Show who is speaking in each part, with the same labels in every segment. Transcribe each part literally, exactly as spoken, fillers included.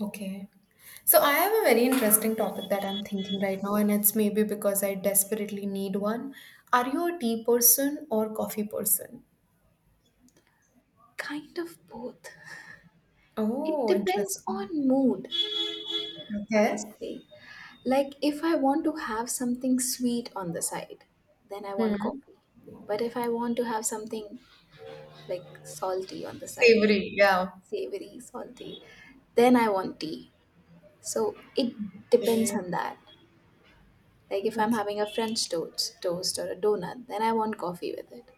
Speaker 1: Okay. So I have a very interesting topic that I'm thinking right now, and it's maybe because I desperately need one. Are you a tea person or coffee person?
Speaker 2: Kind of both. It
Speaker 1: Oh,
Speaker 2: depends
Speaker 1: interesting.
Speaker 2: on mood,
Speaker 1: Okay.
Speaker 2: honestly. Like, if I want to have something sweet on the side, then I want
Speaker 1: Hmm.
Speaker 2: coffee. But if I want to have something like salty on the side,
Speaker 1: Savory, yeah.
Speaker 2: savory, salty, then I want tea. So it depends
Speaker 1: Okay.
Speaker 2: on that. Like, if I'm
Speaker 1: Okay.
Speaker 2: having a French toast, toast or a donut, then I want coffee with it.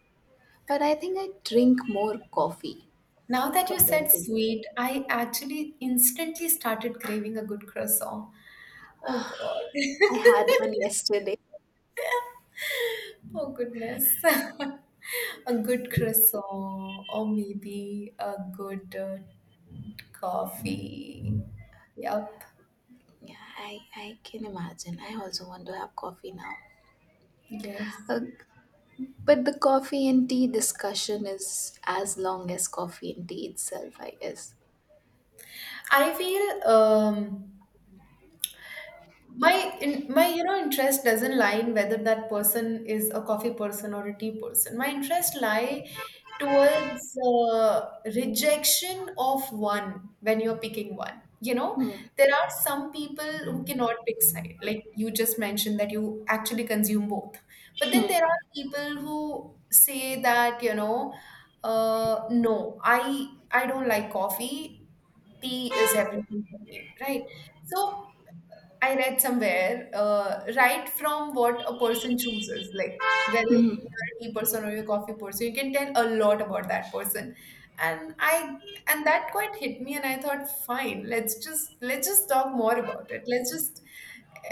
Speaker 2: But I think I drink more coffee
Speaker 1: Now that you said
Speaker 2: comparatively.
Speaker 1: sweet, I actually instantly started craving a good croissant. Oh God.
Speaker 2: I had one yesterday.
Speaker 1: Oh goodness. A good croissant or maybe a good uh, coffee. Yup.
Speaker 2: Yeah, I, I can imagine. I also want to have coffee now.
Speaker 1: Yes.
Speaker 2: Uh, but the coffee and tea discussion is as long as coffee and tea itself, I guess.
Speaker 1: I feel um my in, my you know interest doesn't lie in whether that person is a coffee person or a tea person. My interest lie towards uh, rejection of one when you're picking one you know
Speaker 2: Hmm.
Speaker 1: There are some people who cannot pick side, like you just mentioned that you actually consume both, but then there
Speaker 2: Hmm.
Speaker 1: are people who say that you know uh, no, i i don't like coffee, tea is everything for me, right? So I read somewhere, uh, right from what a person chooses, like whether
Speaker 2: Hmm.
Speaker 1: you're a tea person or you're a coffee person, you can tell a lot about that person. And I and that quite hit me, and I thought, fine, let's just let's just talk more about it. Let's just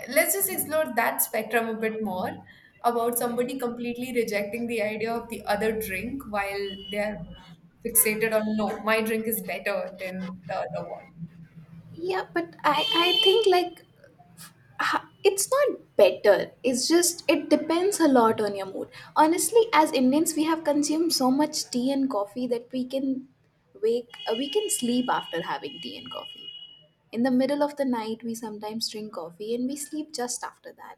Speaker 1: let's just explore that spectrum a bit more about somebody completely rejecting the idea of the other drink while they're fixated on, no, my drink is better than the other one.
Speaker 2: Yeah, but I, I think like ha- it's not better. It's just it depends a lot on your mood. Honestly, as Indians, we have consumed so much tea and coffee that we can wake uh, we can sleep after having tea and coffee. In the middle of the night, we sometimes drink coffee and we sleep just after that,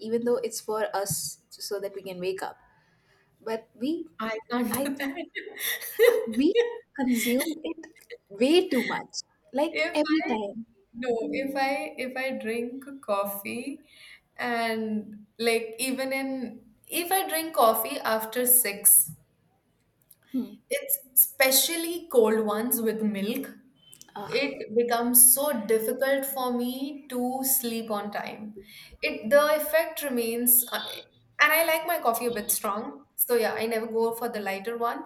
Speaker 2: even though it's for us so that we can wake up. But we,
Speaker 1: I can't
Speaker 2: I
Speaker 1: do
Speaker 2: think,
Speaker 1: that.
Speaker 2: we consume it way too much, like
Speaker 1: If
Speaker 2: every
Speaker 1: I
Speaker 2: time.
Speaker 1: no, if I if I drink coffee, and like even in if I drink coffee after six.
Speaker 2: Hmm.
Speaker 1: It's especially cold ones with milk.
Speaker 2: Ugh.
Speaker 1: It becomes so difficult for me to sleep on time. It The effect remains, uh, and I like my coffee a bit strong, so yeah, I never go for the lighter one.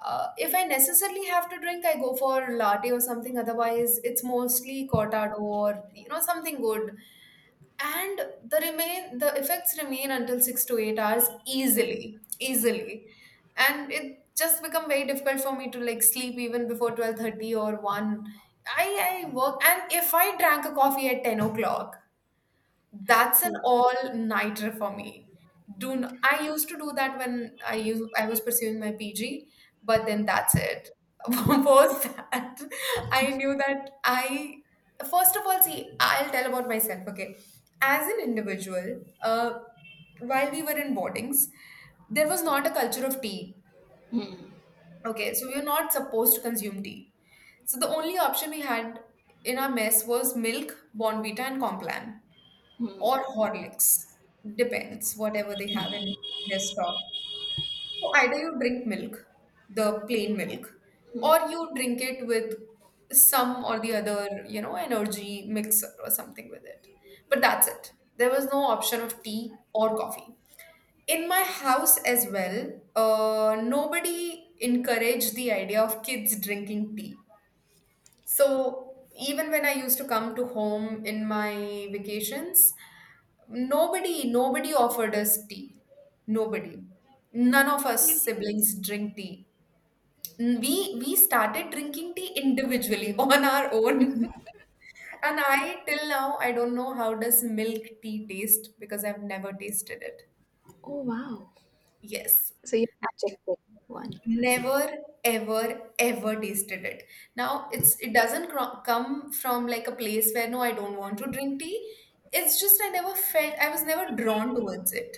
Speaker 1: Uh, if I necessarily have to drink, I go for latte or something. Otherwise, it's mostly cortado or, you know, something good, and the remain the effects remain until six to eight hours, easily easily and it just become very difficult for me to like sleep even before twelve thirty or one. I i work, and if I drank a coffee at ten o'clock, that's an
Speaker 2: Hmm.
Speaker 1: all-nighter for me. Do n- I used to do that when I used I was pursuing my P G, but then that's it. Post that, I knew that I first of all, see, I'll tell about myself. Okay, as an individual, uh, while we were in boardings, there was not a culture of tea.
Speaker 2: Hmm.
Speaker 1: Okay, so we were not supposed to consume tea. So the only option we had in our mess was milk, Bonvita, and Complan or
Speaker 2: Hmm.
Speaker 1: Horlicks, depends, whatever they have in their stock. So either you drink milk, the plain milk, or you drink it with some or the other, you know, energy mixer or something with it. But that's it. There was no option of tea or coffee. In my house as well, uh, nobody encouraged the idea of kids drinking tea. So even when I used to come to home in my vacations, nobody, nobody offered us tea. Nobody. None of us siblings drink tea. We we started drinking tea individually on our own. And I till now I don't know how does milk tea taste, because I've never tasted it.
Speaker 2: Oh, wow.
Speaker 1: Yes.
Speaker 2: So you have to check that one.
Speaker 1: Never, ever, ever tasted it. Now it's it doesn't cro- come from like a place where, no, I don't want to drink tea. It's just i never felt I was never drawn towards it.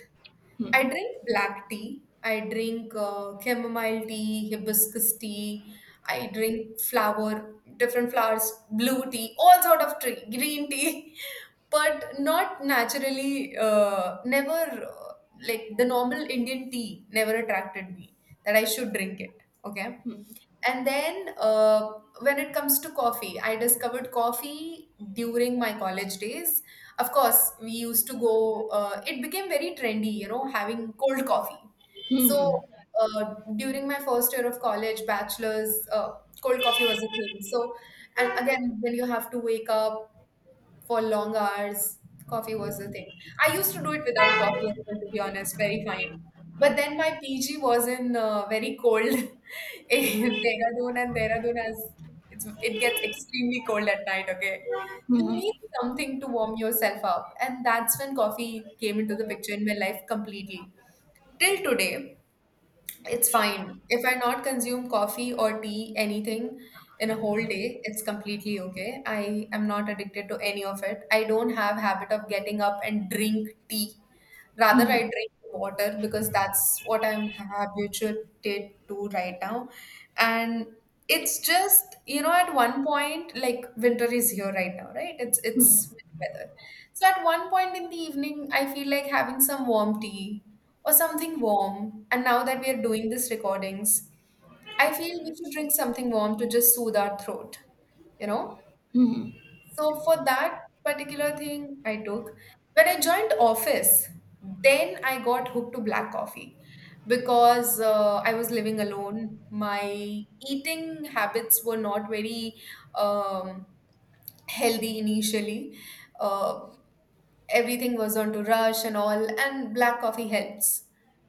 Speaker 1: I
Speaker 2: Hmm.
Speaker 1: drink black tea. I drink uh, chamomile tea, hibiscus tea. I drink flower, different flowers, blue tea, all sort of tea, green tea, but not naturally. Uh, never uh, like the normal Indian tea never attracted me that I should drink it. Okay,
Speaker 2: Hmm.
Speaker 1: and then uh, when it comes to coffee, I discovered coffee during my college days. Of course, we used to go, uh, it became very trendy, you know, having cold coffee. So
Speaker 2: Hmm.
Speaker 1: uh, during my first year of college, bachelor's, uh, cold coffee was a thing. So, and again, when you have to wake up for long hours. Coffee was the thing. I used to do it without coffee, as well, to be honest, very fine. But then my P G was in uh, very cold in Dehradun, and Dehradun has it's it gets extremely cold at night. Okay, so you
Speaker 2: Hmm.
Speaker 1: need something to warm yourself up, and that's when coffee came into the picture in my life completely. Till today, it's fine. If I not consume coffee or tea, anything in a whole day, it's completely okay. I am not addicted to any of it. I don't have habit of getting up and drink tea. Rather,
Speaker 2: Hmm. Hmm.
Speaker 1: I drink water, because that's what I'm habituated to right now. And it's just, you know, at one point, like winter is here right now, right? It's
Speaker 2: Hmm.
Speaker 1: it's winter, so at one point in the evening, I feel like having some warm tea or something warm. And now that we are doing these recordings, I feel we should drink something warm to just soothe our throat, you know?
Speaker 2: Hmm.
Speaker 1: So for that particular thing, I took. When I joined office, then I got hooked to black coffee because uh, I was living alone. My eating habits were not very um, healthy initially. Uh, everything was on to rush and all, and black coffee helps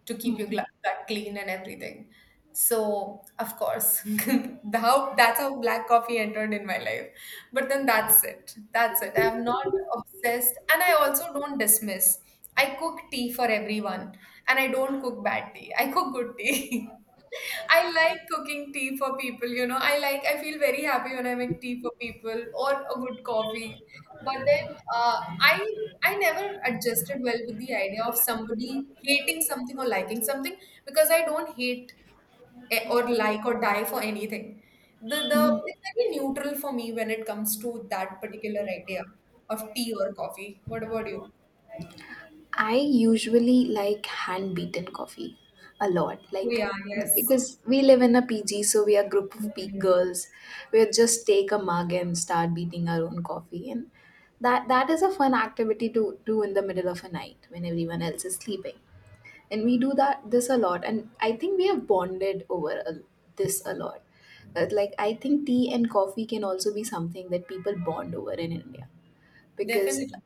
Speaker 1: to keep your
Speaker 2: Hmm.
Speaker 1: gla- gut clean and everything. So of course the how that's how black coffee entered in my life. But then that's it that's it I'm not obsessed, and I also don't dismiss. I cook tea for everyone, and I don't cook bad tea, I cook good tea. I like cooking tea for people, you know. i like I feel very happy when I make tea for people, or a good coffee. But then uh, i I never adjusted well with the idea of somebody hating something or liking something, because I don't hate, eh, or like, or die for anything. The the
Speaker 2: Hmm.
Speaker 1: It's very neutral for me when it comes to that particular idea of tea or coffee. What about you?
Speaker 2: I usually like hand beaten coffee a lot,
Speaker 1: Oh,
Speaker 2: like
Speaker 1: yeah, yes.
Speaker 2: because we live in a P G, so we are a group of peak
Speaker 1: Mm.
Speaker 2: girls. We just take a mug and start beating our own coffee, and that that is a fun activity to do in the middle of a night when everyone else is sleeping. And we do that this a lot, and I think we have bonded over a, this a lot. Uh, like, I think tea and coffee can also be something that people bond over in India because
Speaker 1: Definitely.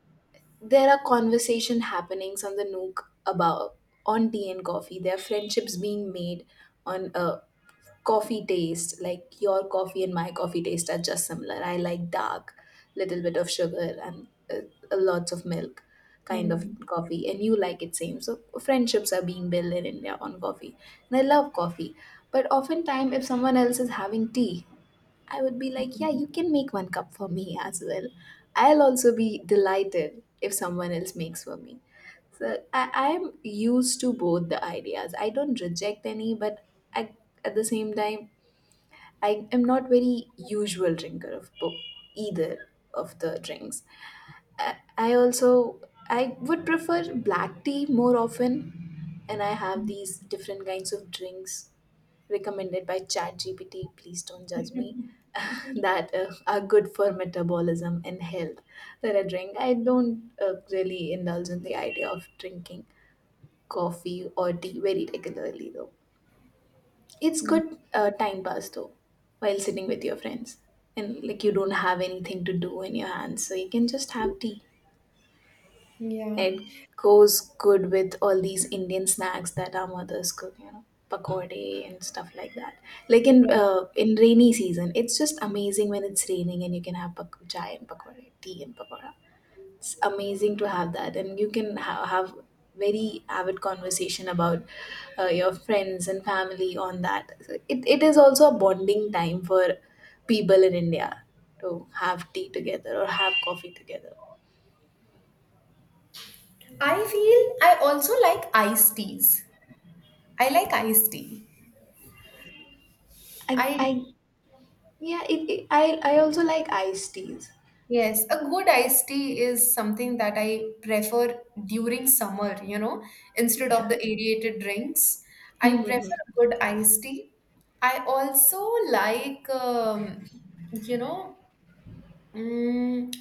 Speaker 2: there are conversation happenings on the nook about on tea and coffee. There are friendships being made on a coffee taste. Like, your coffee and my coffee taste are just similar. I like dark, little bit of sugar and uh, lots of milk kind of
Speaker 1: Mm.
Speaker 2: coffee, and you like it same. So friendships are being built in India on coffee, and I love coffee. But oftentimes if someone else is having tea, I would be like, yeah, you can make one cup for me as well. I'll also be delighted if someone else makes for me. So I, I'm used to both the ideas. I don't reject any, but I, at the same time, I am not very usual drinker of bo- either of the drinks. I, I also I would prefer black tea more often, and I have these different kinds of drinks recommended by ChatGPT, please don't judge me, that uh, are good for metabolism and health that I drink. I don't uh, really indulge in the idea of drinking coffee or tea very regularly though. It's
Speaker 1: Mm.
Speaker 2: good uh, time pass though, while sitting with your friends and like you don't have anything to do in your hands, so you can just have tea.
Speaker 1: Yeah.
Speaker 2: It goes good with all these Indian snacks that our mothers cook, you know, pakode and stuff like that. Like in
Speaker 1: Yes.
Speaker 2: uh, in rainy season, it's just amazing when it's raining and you can have pak- chai and pakode, tea and pakora. It's amazing to have that, and you can ha- have very avid conversation about uh, your friends and family on that. It it is also a bonding time for people in India to have tea together or have coffee together.
Speaker 1: I feel I also like iced teas. I like iced tea.
Speaker 2: I,
Speaker 1: I.
Speaker 2: I Yeah, it, it, I I also like iced teas.
Speaker 1: Yes, a good iced tea is something that I prefer during summer, you know, instead of
Speaker 2: Yeah.
Speaker 1: the aerated drinks. I prefer a good iced tea. I also like, um, you know, mm,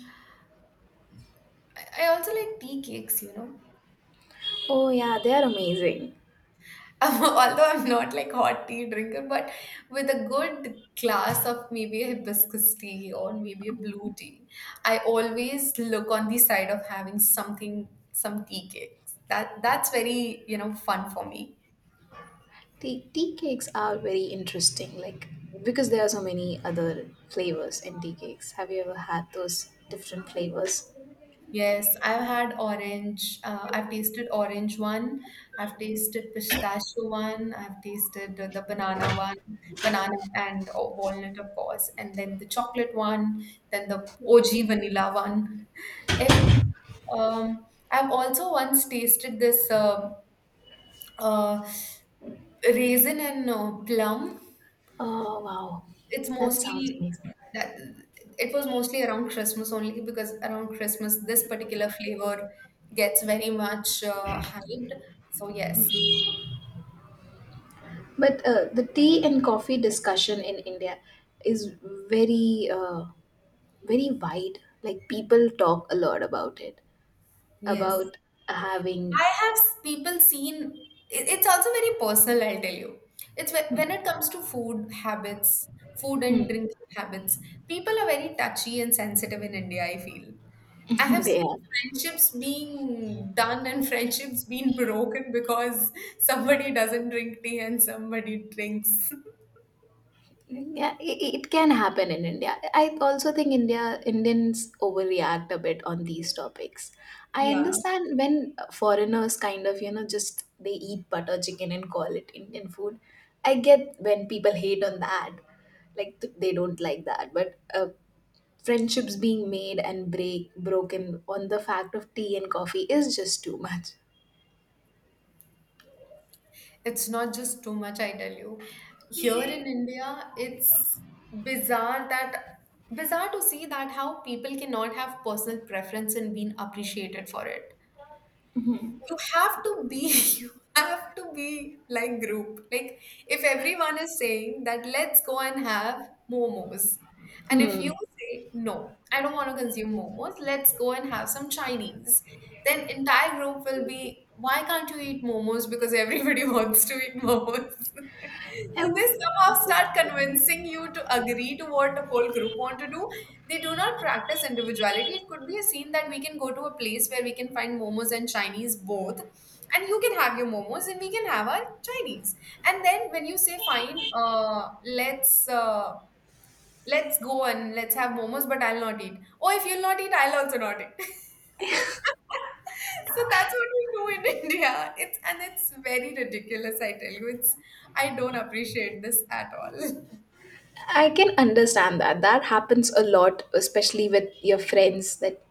Speaker 1: I I also like tea cakes, you know.
Speaker 2: Oh yeah, they are amazing.
Speaker 1: I'm, although I'm not like hot tea drinker, but with a good glass of maybe a hibiscus tea or maybe a blue tea, I always look on the side of having something, some tea cakes. That that's very, you know, fun for me.
Speaker 2: Tea, tea cakes are very interesting, like because there are so many other flavors in tea cakes. Have you ever had those different flavors?
Speaker 1: Yes, I've had orange. Uh, I've tasted orange one. I've tasted pistachio one. I've tasted the, the banana one, banana and o- walnut, of course, and then the chocolate one, then the O G vanilla one. Every, um, I've also once tasted this uh, uh, raisin and uh, plum.
Speaker 2: Oh wow,
Speaker 1: it's
Speaker 2: that sounds
Speaker 1: mostly
Speaker 2: amazing.
Speaker 1: that it was mostly around Christmas only, because around Christmas this particular flavor gets very much uh, hyped. So yes,
Speaker 2: But uh, the tea and coffee discussion in India is very uh, very wide. Like people talk a lot about it,
Speaker 1: yes,
Speaker 2: about having.
Speaker 1: I have s- people seen. It, it's also very personal. I'll tell you, it's whe- when it comes to food habits, food
Speaker 2: Hmm.
Speaker 1: and drinking habits. People are very touchy and sensitive in India, I feel. I have
Speaker 2: They
Speaker 1: seen
Speaker 2: are.
Speaker 1: friendships being done and friendships being broken because somebody doesn't drink tea and somebody drinks.
Speaker 2: Yeah, i- i- it can happen in India. I also think India Indians overreact a bit on these topics. I
Speaker 1: Yeah.
Speaker 2: understand when foreigners kind of, you know, just they eat butter chicken and call it Indian food. I get when people hate on that. Like th- they don't like that, but uh, friendships being made and break broken on the fact of tea and coffee is just too much.
Speaker 1: It's not just too much, I tell you. Here in India, it's bizarre that bizarre to see that how people cannot have personal preference and being appreciated for it. You have to be you have to be like group, like if everyone is saying that let's go and have momos, and if you
Speaker 2: Hmm.
Speaker 1: say, no, I don't want to consume momos, let's go and have some Chinese, then entire group will be, why can't you eat momos, because everybody wants to eat momos, so they somehow start convincing you to agree to what the whole group want to do. They do not practice individuality. It could be a scene that we can go to a place where we can find momos and Chinese both, and you can have your momos and we can have our Chinese. And then when you say fine, uh, let's uh, let's go and let's have momos, but I'll not eat. Oh, if you'll not eat, I'll also not eat. So that's what we do in India. It's, and it's very ridiculous, I tell you. It's. I don't appreciate this at all.
Speaker 2: I can understand that. That happens a lot, especially with your friends. That,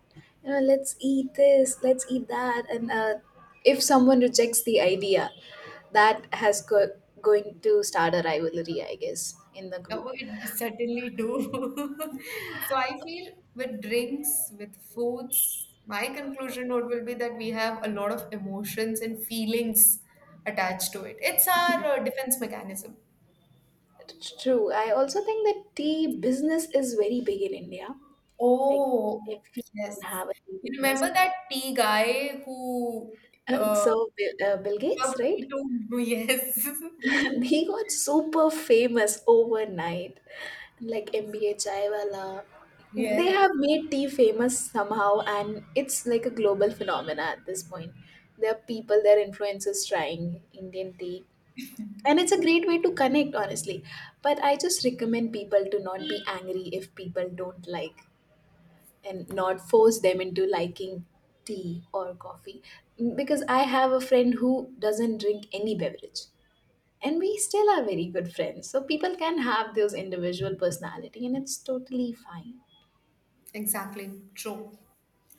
Speaker 2: you know, let's eat this, let's eat that, and uh, if someone rejects the idea, that has go- going to start a rivalry, I guess, in the group.
Speaker 1: Oh, it certainly do. So I feel, with drinks, with foods, my conclusion note will be that we have a lot of emotions and feelings attached to it. It's our uh, defense mechanism.
Speaker 2: It's true. I also think that tea business is very big in India. Like
Speaker 1: Oh. Yes.
Speaker 2: everyone have a tea
Speaker 1: You
Speaker 2: business.
Speaker 1: remember that tea guy who
Speaker 2: Uh,
Speaker 1: uh,
Speaker 2: so Bill, uh, Bill
Speaker 1: served
Speaker 2: Gates, right?
Speaker 1: tea to, yes.
Speaker 2: He got super famous overnight, like M B A chaiwala. They
Speaker 1: Yes.
Speaker 2: have made tea famous somehow, and it's like a global phenomena at this point. There are people, there are influencers trying Indian tea, and it's a great way to connect, honestly. But I just recommend people to not be angry if people don't like, and not force them into liking tea or coffee, because I have a friend who doesn't drink any beverage, and we still are very good friends. So people can have those individual personality, and it's totally fine.
Speaker 1: Exactly. True.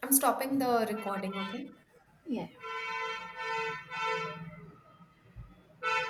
Speaker 1: I'm stopping the recording, okay?
Speaker 2: Yeah.